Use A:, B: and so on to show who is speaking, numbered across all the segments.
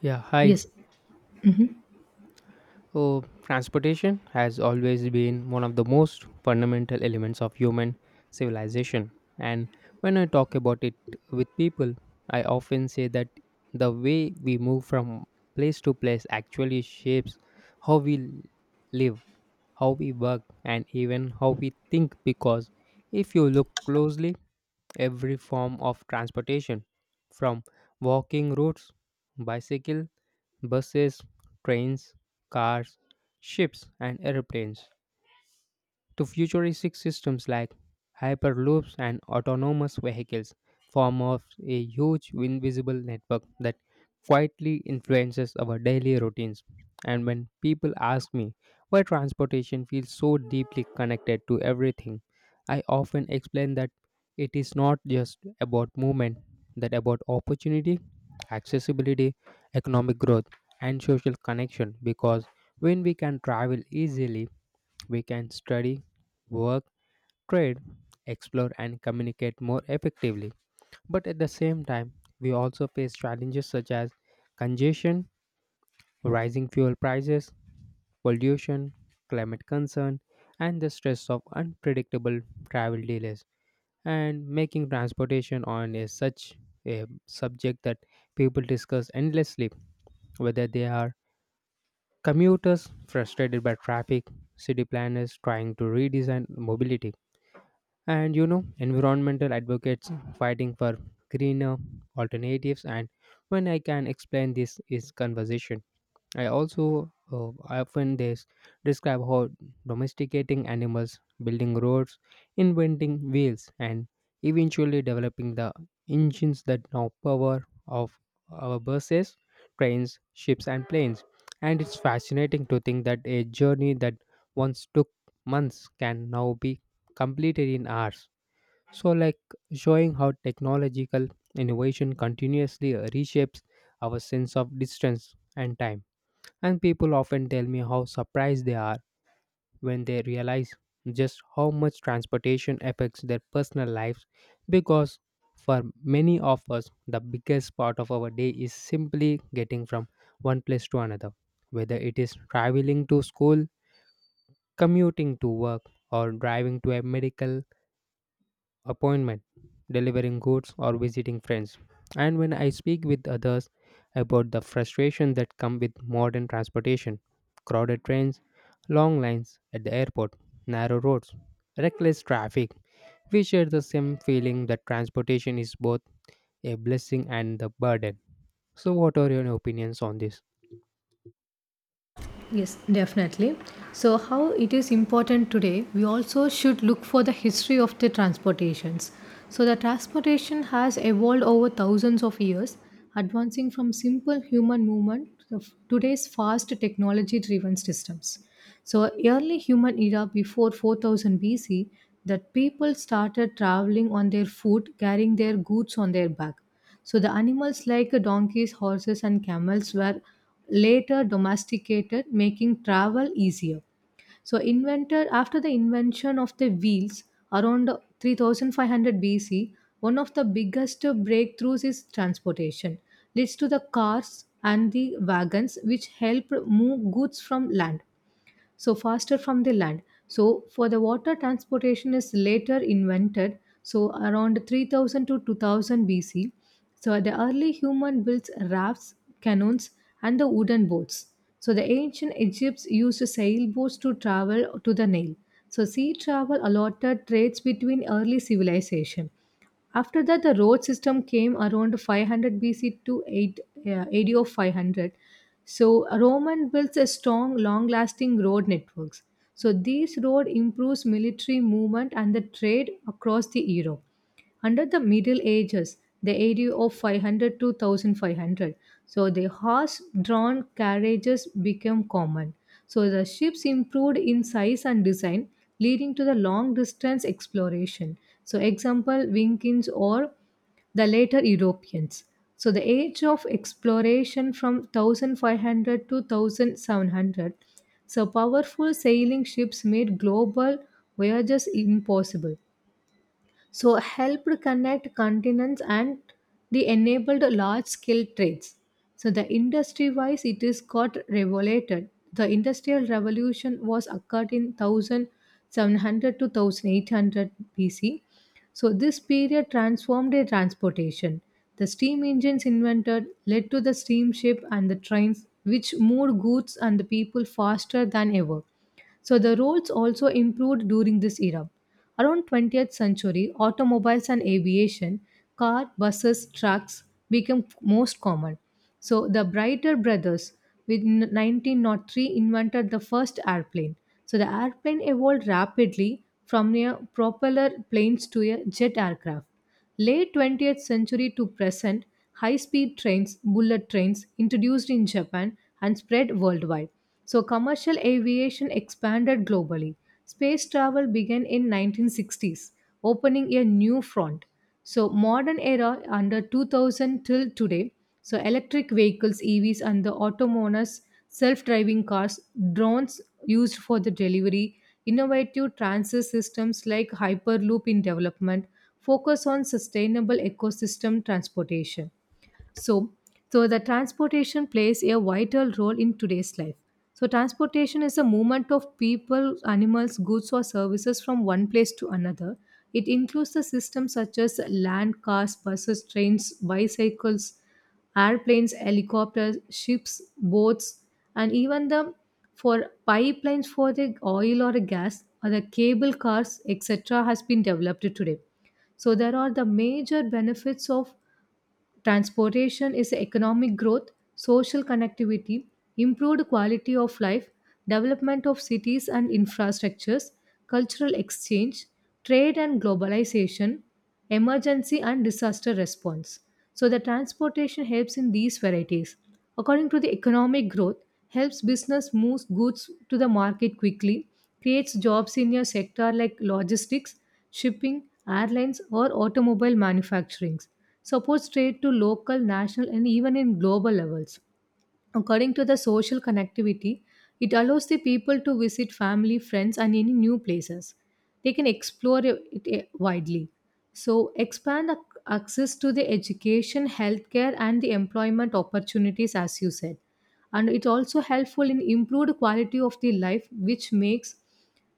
A: Yeah, hi.
B: Yes. Mhm.
A: Oh, transportation has always been one of the most fundamental elements of human civilization. And when I talk about it with people, I often say that the way we move from place to place actually shapes how we live, how we work, and even how we think. Because if you look closely, every form of transportation, from walking routes, bicycle, buses, trains, cars, ships, and airplanes, to futuristic systems like hyperloops and autonomous vehicles form of a huge invisible network that quietly influences our daily routines. And when people ask me why transportation feels so deeply connected to everything, I often explain that it is not just about movement, that about opportunity, accessibility, economic growth, and social connection. Because when we can travel easily, we can study, work, trade, explore, and communicate more effectively. But at the same time, we also face challenges such as congestion, rising fuel prices, pollution, climate concern, and the stress of unpredictable travel delays. And making transportation on a such a subject that people discuss endlessly, whether they are commuters frustrated by traffic, city planners trying to redesign mobility. And environmental advocates fighting for greener alternatives. And when I can explain this is conversation. I also often describe how domesticating animals, building roads, inventing wheels, and eventually developing the engines that now power of our buses, trains, ships, and planes. And it's fascinating to think that a journey that once took months can now be completed in hours. So, like showing how technological innovation continuously reshapes our sense of distance and time. And people often tell me how surprised they are when they realize just how much transportation affects their personal lives because for many of us, the biggest part of our day is simply getting from one place to another. Whether it is traveling to school, commuting to work, or driving to a medical appointment, delivering goods, or visiting friends. And when I speak with others about the frustration that come with modern transportation, crowded trains, long lines at the airport, narrow roads, reckless traffic, we share the same feeling that transportation is both a blessing and the burden. So, what are your opinions on this?
B: Yes, definitely. So, how it is important today, we also should look for the history of the transportations. So, the transportation has evolved over thousands of years, advancing from simple human movement to today's fast technology driven systems. So, early human era before 4000 BC, that people started traveling on their foot, carrying their goods on their back. So the animals like donkeys, horses, and camels were later domesticated, making travel easier. So invented after the invention of the wheels around 3500 BC, one of the biggest breakthroughs is transportation. Leads to the cars and the wagons which help move goods from land so faster from the land. So for the water transportation is later invented, so around 3000 to 2000 BC. So the early human built rafts, canoes, and the wooden boats. So the ancient Egypts used sailboats to travel to the Nile. So sea travel allotted trades between early civilization. After that, the road system came around 500 BC to 8, AD of 500. So Roman builds a strong, long-lasting road networks. So these road improves military movement and the trade across the Europe. Under the Middle Ages, the area of 500 to 1500, so the horse-drawn carriages became common. So the ships improved in size and design, leading to the long-distance exploration. So example, Vikings or the later Europeans. So the age of exploration from 1500 to 1700, so powerful sailing ships made global voyages impossible, so helped connect continents and they enabled large scale trades. So the industry wise it is got regulated, the industrial revolution was occurred in 1700 to 1800 BC. So this period transformed their transportation. The steam engines invented led to the steamship and the trains which moved goods and the people faster than ever. So the roads also improved during this era. Around 20th century, automobiles and aviation, car, buses, trucks became most common. So the Brighter brothers with 1903 invented the first airplane. So the airplane evolved rapidly from a propeller planes to a jet aircraft. Late 20th century to present, high speed trains, bullet trains, introduced in Japan and spread worldwide. So, commercial aviation expanded globally. Space travel began in 1960s, opening a new front. So, modern era under 2000 till today. So, electric vehicles, EVs, and the autonomous self-driving cars, drones used for the delivery, innovative transit systems like Hyperloop in development, focus on sustainable ecosystem transportation. So, so the transportation plays a vital role in today's life. So transportation is a movement of people, animals, goods or services from one place to another. It includes the systems such as land cars, buses, trains, bicycles, airplanes, helicopters, ships, boats, and even the for pipelines for the oil or the gas or the cable cars, etc., has been developed today. So there are the major benefits of transportation is economic growth, social connectivity, improved quality of life, development of cities and infrastructures, cultural exchange, trade and globalization, emergency and disaster response. So the transportation helps in these varieties. According to the economic growth, helps business move goods to the market quickly, creates jobs in a sector like logistics, shipping, airlines, or automobile manufacturing, supports trade to local, national, and even in global levels. According to the social connectivity, it allows the people to visit family, friends, and any new places. They can explore it widely. So, expand access to the education, healthcare, and the employment opportunities, as you said. And it's also helpful in improved quality of the life which makes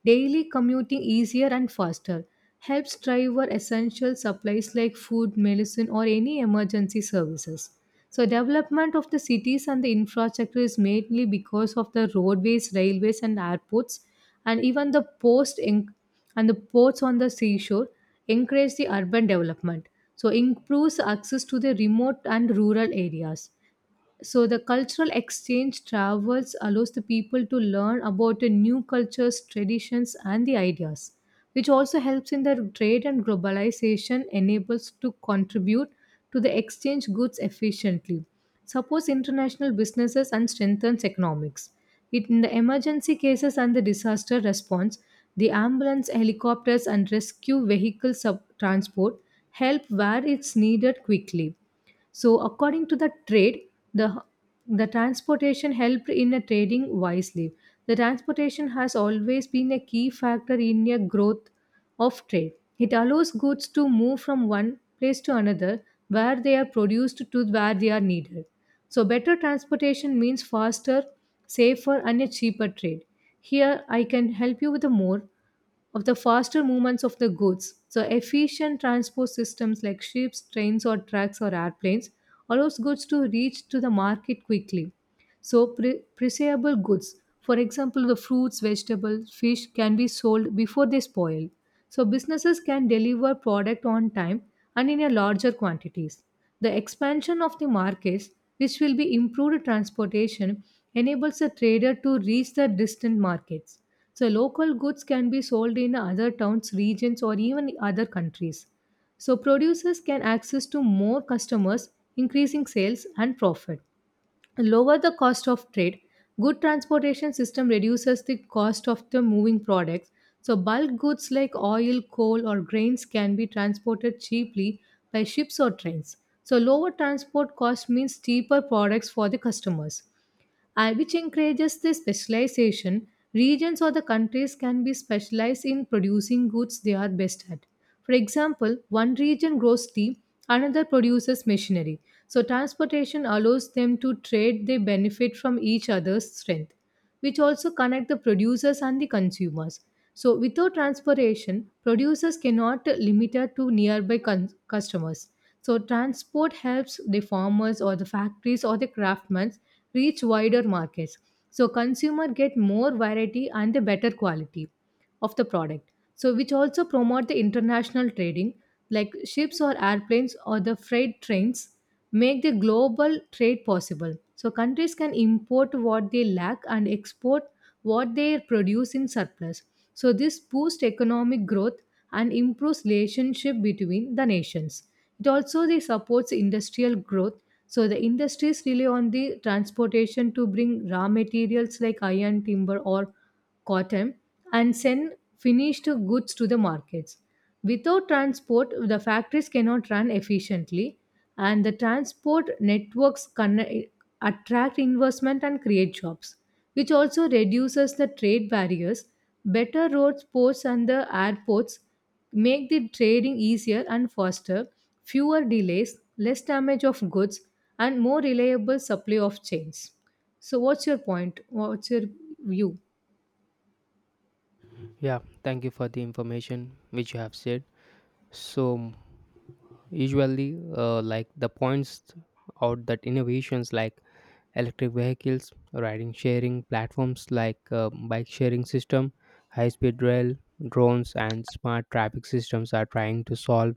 B: daily commuting easier and faster, helps driver essential supplies like food, medicine or any emergency services. So development of the cities and the infrastructure is mainly because of the roadways, railways and airports, and even the and the ports on the seashore encourage the urban development. So improves access to the remote and rural areas. So the cultural exchange travels allows the people to learn about the new cultures, traditions and the ideas, which also helps in the trade and globalization, enables to contribute to the exchange goods efficiently, supports international businesses and strengthens economics. It, in the emergency cases and the disaster response, the ambulance, helicopters and rescue vehicle transport help where it's needed quickly. So, according to the trade, the the transportation helped in a trading wisely. The transportation has always been a key factor in a growth of trade. It allows goods to move from one place to another, where they are produced to where they are needed. So, better transportation means faster, safer, and a cheaper trade. Here, I can help you with a more of the faster movements of the goods. So efficient transport systems like ships, trains or trucks or airplanes allows goods to reach to the market quickly. So, perishable goods, for example, the fruits, vegetables, fish, can be sold before they spoil. So, businesses can deliver product on time and in a larger quantities. The expansion of the markets, which will be improved transportation, enables the trader to reach the distant markets. So, local goods can be sold in other towns, regions, or even other countries. So, producers can access to more customers, increasing sales and profit, lower the cost of trade. Good transportation system reduces the cost of the moving products. So bulk goods like oil, coal or grains can be transported cheaply by ships or trains. So lower transport cost means cheaper products for the customers, which encourages the specialization. Regions or the countries can be specialized in producing goods they are best at. For example, one region grows tea, another produces machinery. So, transportation allows them to trade, they benefit from each other's strength, which also connect the producers and the consumers. So, without transportation, producers cannot limit it to nearby customers. So, transport helps the farmers or the factories or the craftsmen reach wider markets. So, consumer get more variety and the better quality of the product, so which also promote the international trading like ships or airplanes or the freight trains make the global trade possible. So countries can import what they lack and export what they produce in surplus. So this boosts economic growth and improves relationship between the nations. It also they supports industrial growth. So the industries rely on the transportation to bring raw materials like iron, timber or cotton, and send finished goods to the markets. Without transport, the factories cannot run efficiently, and the transport networks attract investment and create jobs, which also reduces the trade barriers. Better roads, ports, and the airports make the trading easier and faster, fewer delays, less damage of goods, and more reliable supply of chains. So, what's your point? What's your view?
A: Yeah, thank you for the information which you have said. So, usually, like the points or that innovations like electric vehicles, riding sharing platforms like bike sharing system, high speed rail, drones and smart traffic systems are trying to solve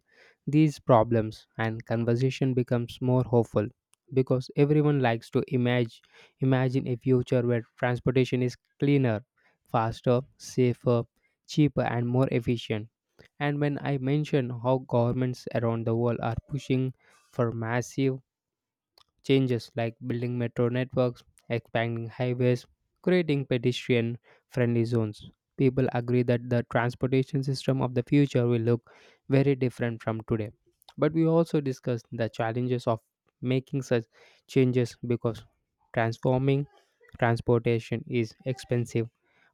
A: these problems and conversation becomes more hopeful because everyone likes to imagine a future where transportation is cleaner, faster, safer, cheaper and more efficient. And when I mention how governments around the world are pushing for massive changes like building metro networks, expanding highways, creating pedestrian friendly zones. People agree that the transportation system of the future will look very different from today. But we also discussed the challenges of making such changes because transforming transportation is expensive,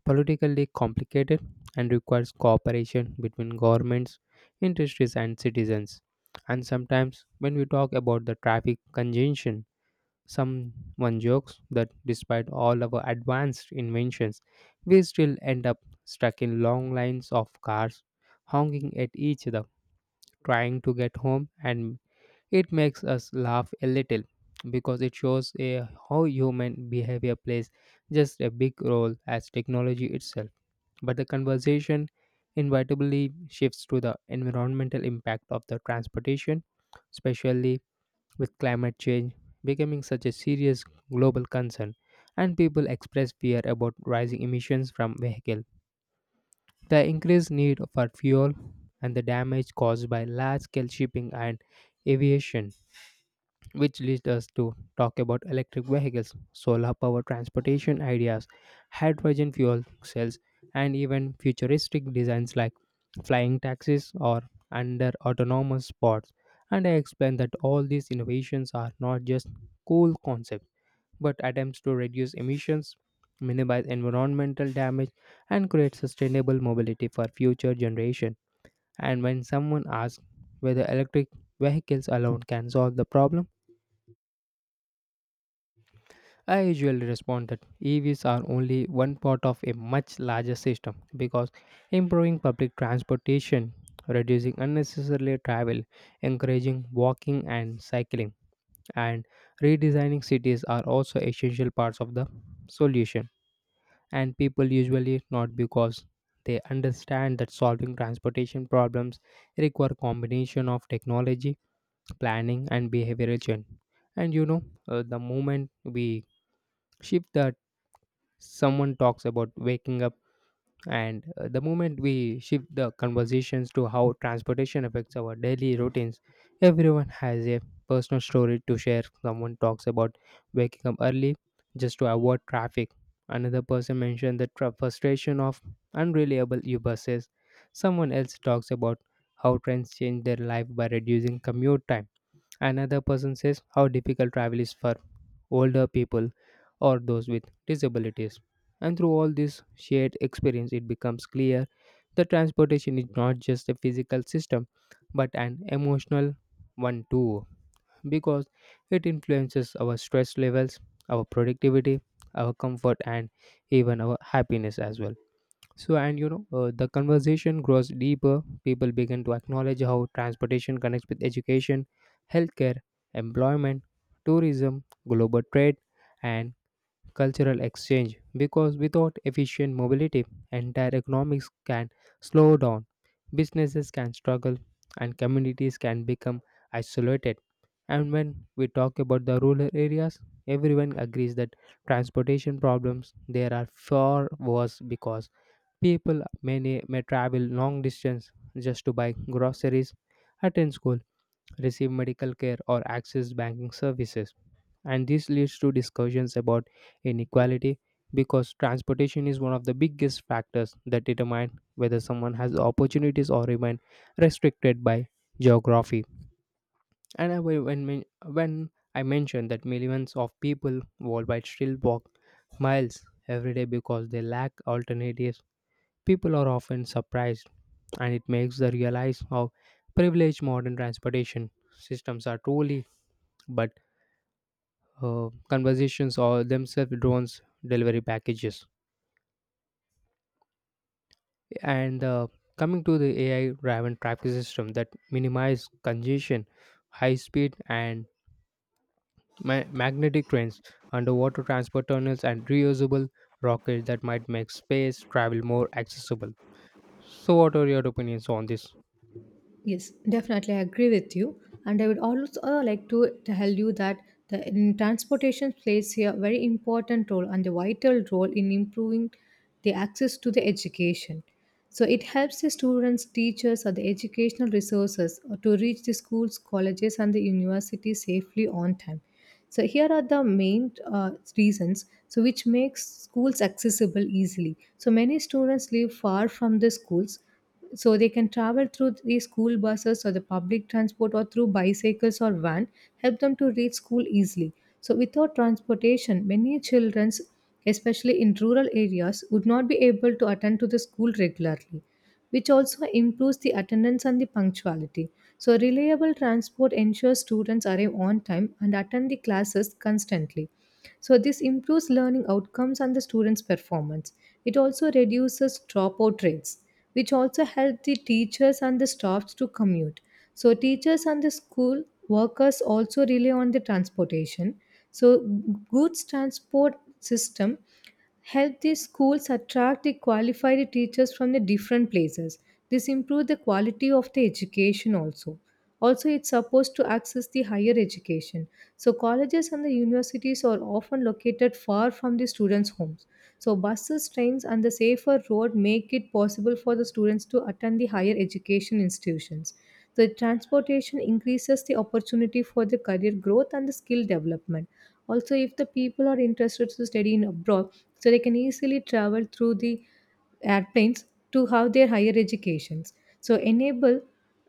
A: politically complicated, and requires cooperation between governments, industries, and citizens. And sometimes, when we talk about the traffic congestion, someone jokes that despite all our advanced inventions, we still end up stuck in long lines of cars, honking at each other, trying to get home, and it makes us laugh a little because it shows a, how human behavior plays just a big role as technology itself. But the conversation inevitably shifts to the environmental impact of the transportation, especially with climate change becoming such a serious global concern and people express fear about rising emissions from vehicles. The increased need for fuel and the damage caused by large scale shipping and aviation which leads us to talk about electric vehicles, solar power transportation ideas, hydrogen fuel cells, and even futuristic designs like flying taxis or under autonomous pods. And I explained that all these innovations are not just cool concepts, but attempts to reduce emissions, minimize environmental damage, and create sustainable mobility for future generations. And when someone asks whether electric vehicles alone can solve the problem, I usually respond that EVs are only one part of a much larger system because improving public transportation, reducing unnecessary travel, encouraging walking and cycling, and redesigning cities are also essential parts of the solution. And people usually not because they understand that solving transportation problems require combination of technology, planning, and behavioral change. And the moment we shift the someone talks about waking up, and the moment we shift the conversations to how transportation affects our daily routines, everyone has a personal story to share. Someone talks about waking up early just to avoid traffic. Another person mentioned the frustration of unreliable u buses. Someone else talks about how trains change their life by reducing commute time. Another person says how difficult travel is for older people, or those with disabilities. And through all this shared experience, it becomes clear that transportation is not just a physical system but an emotional one too, because it influences our stress levels, our productivity, our comfort, and even our happiness as well. So, and the conversation grows deeper. People begin to acknowledge how transportation connects with education, healthcare, employment, tourism, global trade, and cultural exchange. Because without efficient mobility, entire economics can slow down, businesses can struggle, and communities can become isolated. And when we talk about the rural areas, everyone agrees that transportation problems there are far worse because people may travel long distance just to buy groceries, attend school, receive medical care, or access banking services. And this leads to discussions about inequality because transportation is one of the biggest factors that determine whether someone has opportunities or remain restricted by geography. And I, will- when, men- when I mentioned that millions of people worldwide still walk miles every day because they lack alternatives, people are often surprised, and it makes them realize how privileged modern transportation systems are truly. But conversations or themselves drones delivery packages and coming to the AI driven traffic system that minimize congestion, high speed and magnetic trains, underwater transport tunnels, and reusable rockets that might make space travel more accessible. So, what are your opinions on this?
B: Yes, definitely, I agree with you. And I would also like to tell you that the in transportation plays a very important role and a vital role in improving the access to the education. So it helps the students, teachers, or the educational resources to reach the schools, colleges, and the universities safely on time. So here are the main reasons, so which makes schools accessible easily. So many students live far from the schools, so they can travel through the school buses or the public transport or through bicycles or van help them to reach school easily. So without transportation, many children, especially in rural areas, would not be able to attend to the school regularly, which also improves the attendance and the punctuality. So, reliable transport ensures students arrive on time and attend the classes constantly. So, this improves learning outcomes and the students' performance. It also reduces dropout rates, which also help the teachers and the staffs to commute. So, teachers and the school workers also rely on the transportation. So, goods transport system help these schools attract the qualified teachers from the different places. This improves the quality of the education also. Also, it's supposed to access the higher education. So colleges and the universities are often located far from the students' homes. So, buses, trains, and the safer road make it possible for the students to attend the higher education institutions. The transportation increases the opportunity for the career growth and the skill development. Also, if the people are interested to study in abroad, so they can easily travel through the airplanes to have their higher educations. So, enable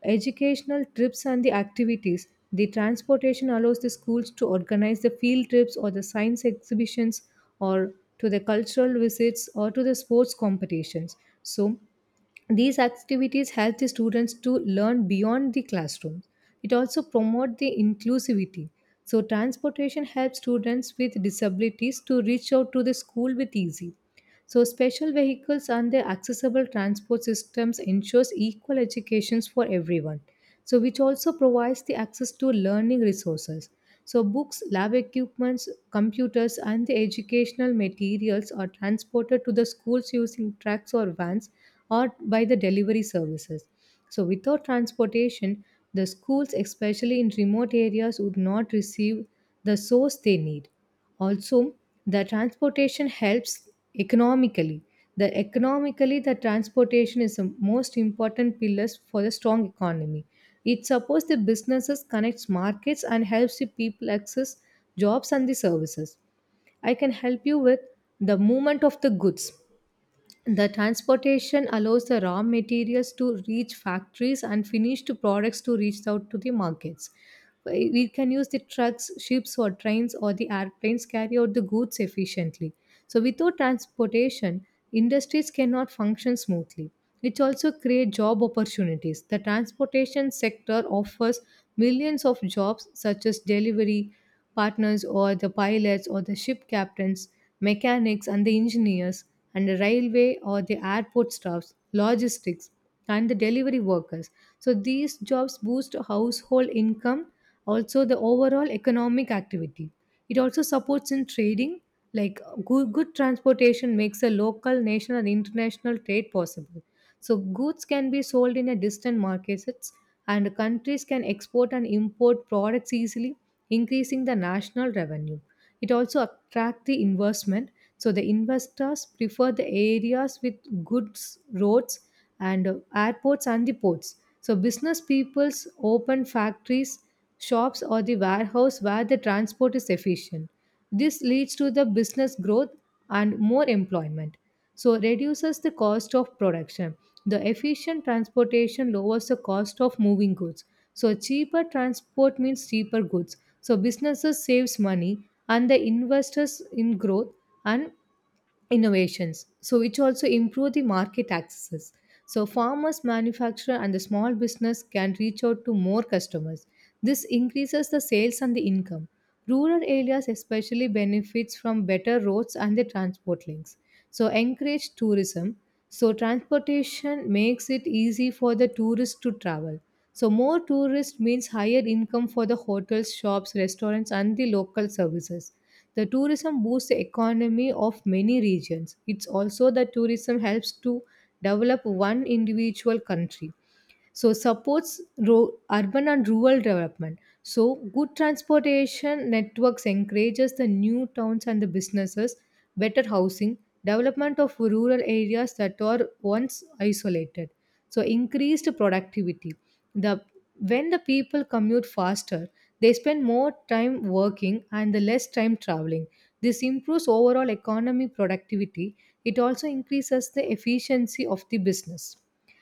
B: educational trips and the activities. The transportation allows the schools to organize the field trips or the science exhibitions or to the cultural visits or to the sports competitions. So these activities help the students to learn beyond the classroom. It also promotes the inclusivity. So transportation helps students with disabilities to reach out to the school with easy. So special vehicles and their accessible transport systems ensures equal educations for everyone. So which also provides the access to learning resources. So books, lab equipments, computers and the educational materials are transported to the schools using trucks or vans or by the delivery services. So without transportation, the schools especially in remote areas would not receive the source they need. Also, the transportation helps economically. The economically, the transportation is the most important pillars for the strong economy. It supports the businesses, connects markets, and helps the people access jobs and the services. I can help you with the movement of the goods. The transportation allows the raw materials to reach factories and finished products to reach out to the markets. We can use the trucks, ships, or trains, or the airplanes carry out the goods efficiently. So, without transportation, industries cannot function smoothly. It also creates job opportunities. The transportation sector offers millions of jobs, such as delivery, partners or the pilots or the ship captains, mechanics and the engineers, and the railway or the airport staffs, logistics, and the delivery workers. So these jobs boost household income, also the overall economic activity. It also supports in trading, like good transportation makes a local, national, and international trade possible. So goods can be sold in a distant markets and countries can export and import products easily, increasing the national revenue. It also attracts the investment. So the investors prefer the areas with goods roads and airports and the ports. So business peoples open factories, shops or the warehouse where the transport is efficient. This leads to the business growth and more employment, so reduces the cost of production. The efficient transportation lowers the cost of moving goods, so cheaper transport means cheaper goods, so businesses saves money and the investors in growth and innovations, so which also improve the market accesses. So farmers manufacturer and the small business can reach out to more customers. This increases the sales and the income. Rural areas especially benefits from better roads and the transport links, so encourage tourism. So transportation makes it easy for the tourists to travel, so more tourists means higher income for the hotels, shops, restaurants, and the local services. The tourism boosts the economy of many regions. It's also that tourism helps to develop one individual country, so supports urban and rural development. So good transportation networks encourages the new towns and the businesses, better housing, development of rural areas that were once isolated, so increased productivity. The When the people commute faster, they spend more time working and the less time traveling. This improves overall economy productivity. It also increases the efficiency of the business.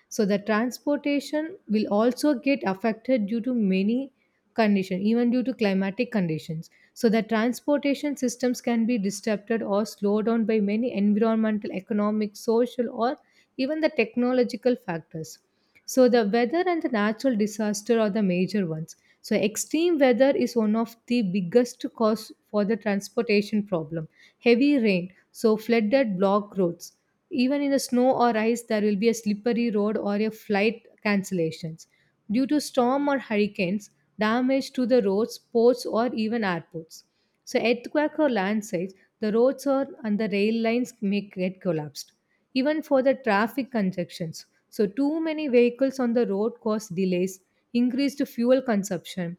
B: So the transportation will also get affected due to many conditions, even due to climatic conditions. So the transportation systems can be disrupted or slowed down by many environmental, economic, social, or even the technological factors. So the weather and the natural disaster are the major ones. So extreme weather is one of the biggest cause for the transportation problem. Heavy rain, so flooded block roads. Even in the snow or ice, there will be a slippery road or a flight cancellations. Due to storm or hurricanes, damage to the roads, ports, or even airports. So, earthquake or landslides, the roads or and the rail lines may get collapsed. Even for the traffic congestions, so too many vehicles on the road cause delays, increased fuel consumption,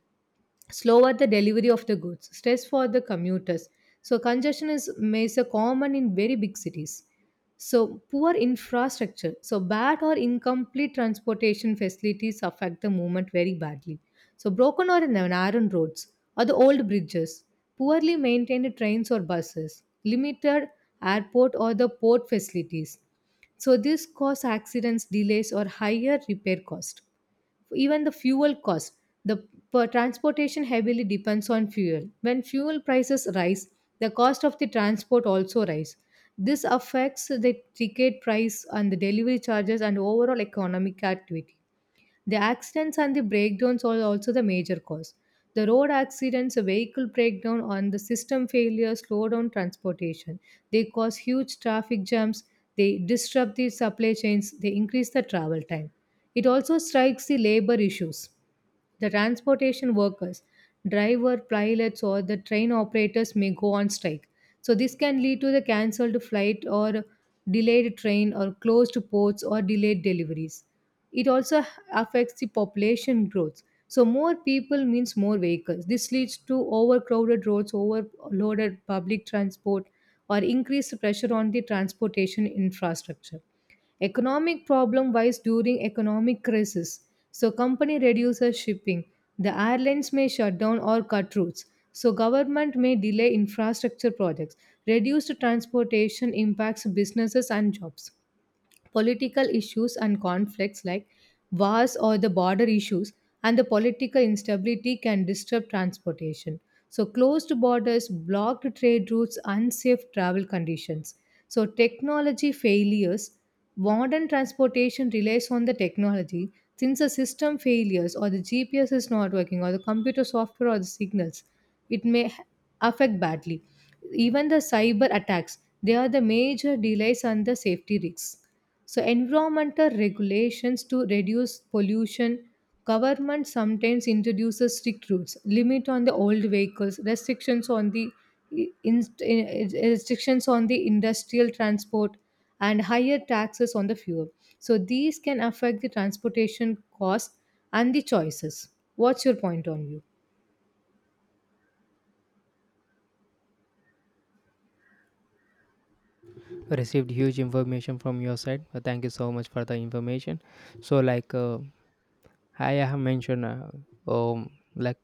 B: slower the delivery of the goods, stress for the commuters. So congestion is a common in very big cities. So poor infrastructure, so bad or incomplete transportation facilities affect the movement very badly. So broken or narrow roads or the old bridges, poorly maintained trains or buses, limited airport or the port facilities. So this cause accidents, delays or higher repair cost, even the fuel cost. The Per transportation heavily depends on fuel. When fuel prices rise, the cost of the transport also rise. This affects the ticket price and the delivery charges and overall economic activity. The accidents and the breakdowns are also the major cause. The road accidents, a vehicle breakdown, and the system failure slow down transportation. They cause huge traffic jams, they disrupt the supply chains, they increase the travel time. It also strikes the labor issues. The transportation workers, driver pilots, or the train operators may go on strike. So, this can lead to the cancelled flight or delayed train or closed ports or delayed deliveries. It also affects the population growth. So, more people means more vehicles. This leads to overcrowded roads, overloaded public transport, or increased pressure on the transportation infrastructure. Economic problem rise during economic crisis. So company reduces shipping. The airlines may shut down or cut routes. So government may delay infrastructure projects. Reduced transportation impacts businesses and jobs. Political issues and conflicts, like wars or the border issues and the political instability, can disrupt transportation. So closed borders, blocked trade routes, unsafe travel conditions. So technology failures, modern transportation relies on the technology. Since the system failures or the GPS is not working or the computer software or the signals, it may h- affect badly, even the cyber attacks. They are the major delays and the safety risks. So, environmental regulations to reduce pollution. Government sometimes introduces strict rules, limit on the old vehicles, restrictions on the restrictions on the industrial transport, and higher taxes on the fuel. So these can affect the transportation cost and the choices. What's your point on view?
A: Received huge information from your side. Thank you so much for the information. So, like I have mentioned um like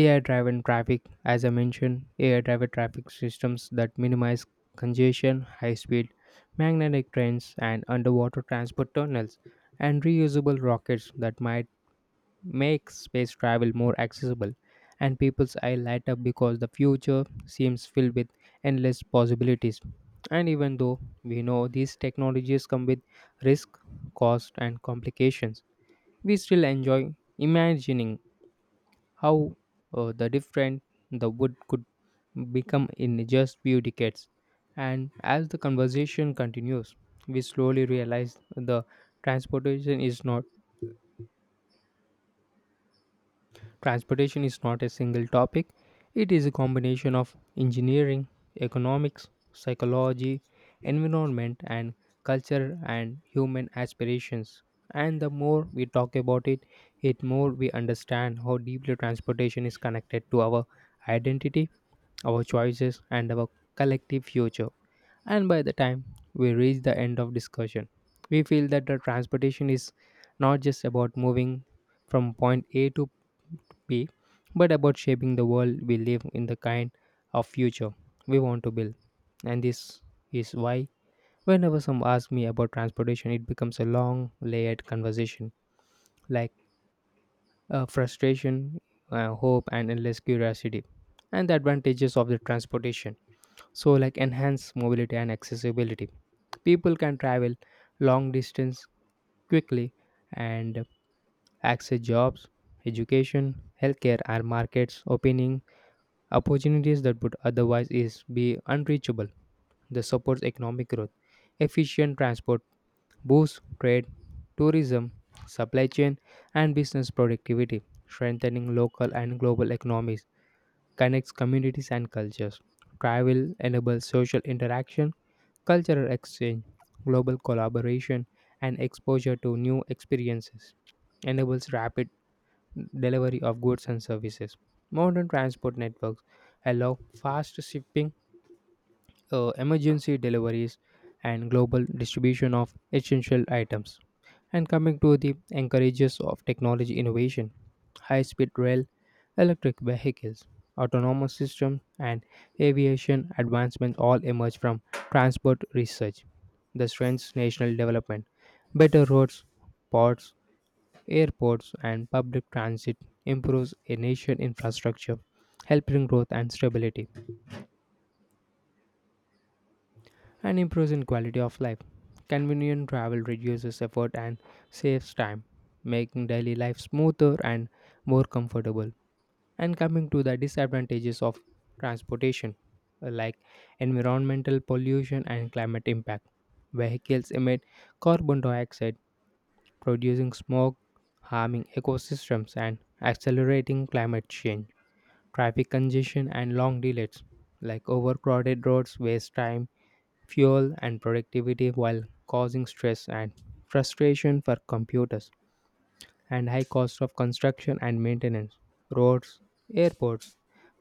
A: AI driven traffic. As I mentioned, AI driven traffic systems that minimize congestion, high speed magnetic trains, and underwater transport tunnels, and reusable rockets that might make space travel more accessible. And people's eye light up because the future seems filled with endless possibilities. And even though we know these technologies come with risk, cost and complications, we still enjoy imagining how the different the wood could become in just few decades. And as the conversation continues, we slowly realize the transportation is not Transportation is not a single topic, it is a combination of engineering, economics, psychology, environment, and culture and human aspirations. And the more we talk about it, it more we understand how deeply transportation is connected to our identity, our choices, and our collective future. And by the time we reach the end of discussion, we feel that the transportation is not just about moving from point A to B, but about shaping the world we live in the kind of future we want to build. And this is why whenever some asks me about transportation, it becomes a long layered conversation like frustration, hope, and endless curiosity, and the advantages of the transportation. So, like enhanced mobility and accessibility. People can travel long distance quickly and access jobs, education, healthcare, and markets, opening opportunities that would otherwise is be unreachable. This supports economic growth. Efficient transport boosts trade, tourism, supply chain, and business productivity, strengthening local and global economies, connects communities and cultures. Travel enables social interaction, cultural exchange, global collaboration, and exposure to new experiences, enables rapid delivery of goods and services. Modern transport networks allow fast shipping, emergency deliveries, and global distribution of essential items. And coming to the encourages of technology innovation, high speed rail, electric vehicles, autonomous systems, and aviation advancements all emerge from transport research. The strengths national development, better roads, ports, airports, and public transit improves a nation infrastructure, helping growth and stability and improves in quality of life. Convenient travel reduces effort and saves time, making daily life smoother and more comfortable. And coming to the disadvantages of transportation, like environmental pollution and climate impact. Vehicles emit carbon dioxide, producing smoke, harming ecosystems, and accelerating climate change. Traffic congestion and long delays, like overcrowded roads, waste time, fuel and productivity while causing stress and frustration for computers, and high cost of construction and maintenance. Roads, airports,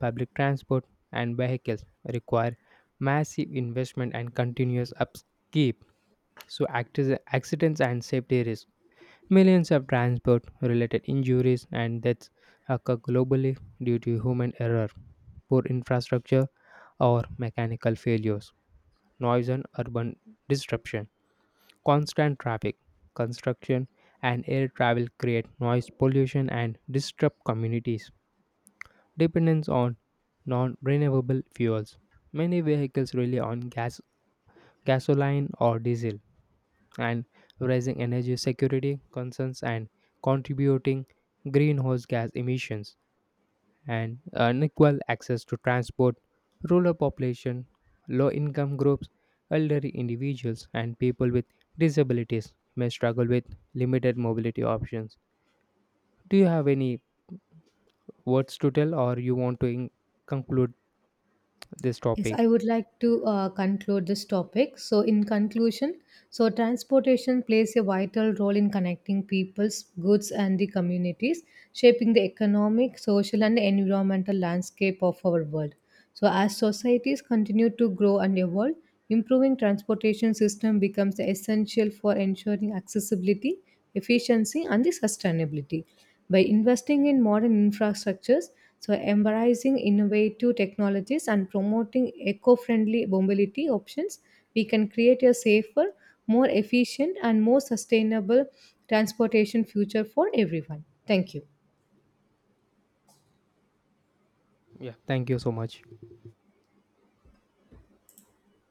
A: public transport, and vehicles require massive investment and continuous upkeep. So accidents and safety risks. Millions of transport related injuries and deaths occur globally due to human error, poor infrastructure, or mechanical failures, noise, and urban disruption. Constant traffic, construction, and air travel create noise pollution and disrupt communities. Dependence on non renewable fuels. Many vehicles rely on gas, gasoline, or diesel, and raising energy security concerns and contributing greenhouse gas emissions, and unequal access to transport, rural population, low income groups, elderly individuals, and people with disabilities may struggle with limited mobility options. Do you have any words to tell, or you want to conclude this
B: Yes,
A: topic?
B: I would like to conclude this topic. So, in conclusion, so transportation plays a vital role in connecting people's goods and the communities, shaping the economic, social, and environmental landscape of our world. So, as societies continue to grow and evolve, improving transportation system becomes essential for ensuring accessibility, efficiency, and the sustainability. By investing in modern infrastructures, so embracing innovative technologies and promoting eco-friendly mobility options, we can create a safer, more efficient and more sustainable transportation future for everyone. Thank you.
A: Yeah, thank you so much.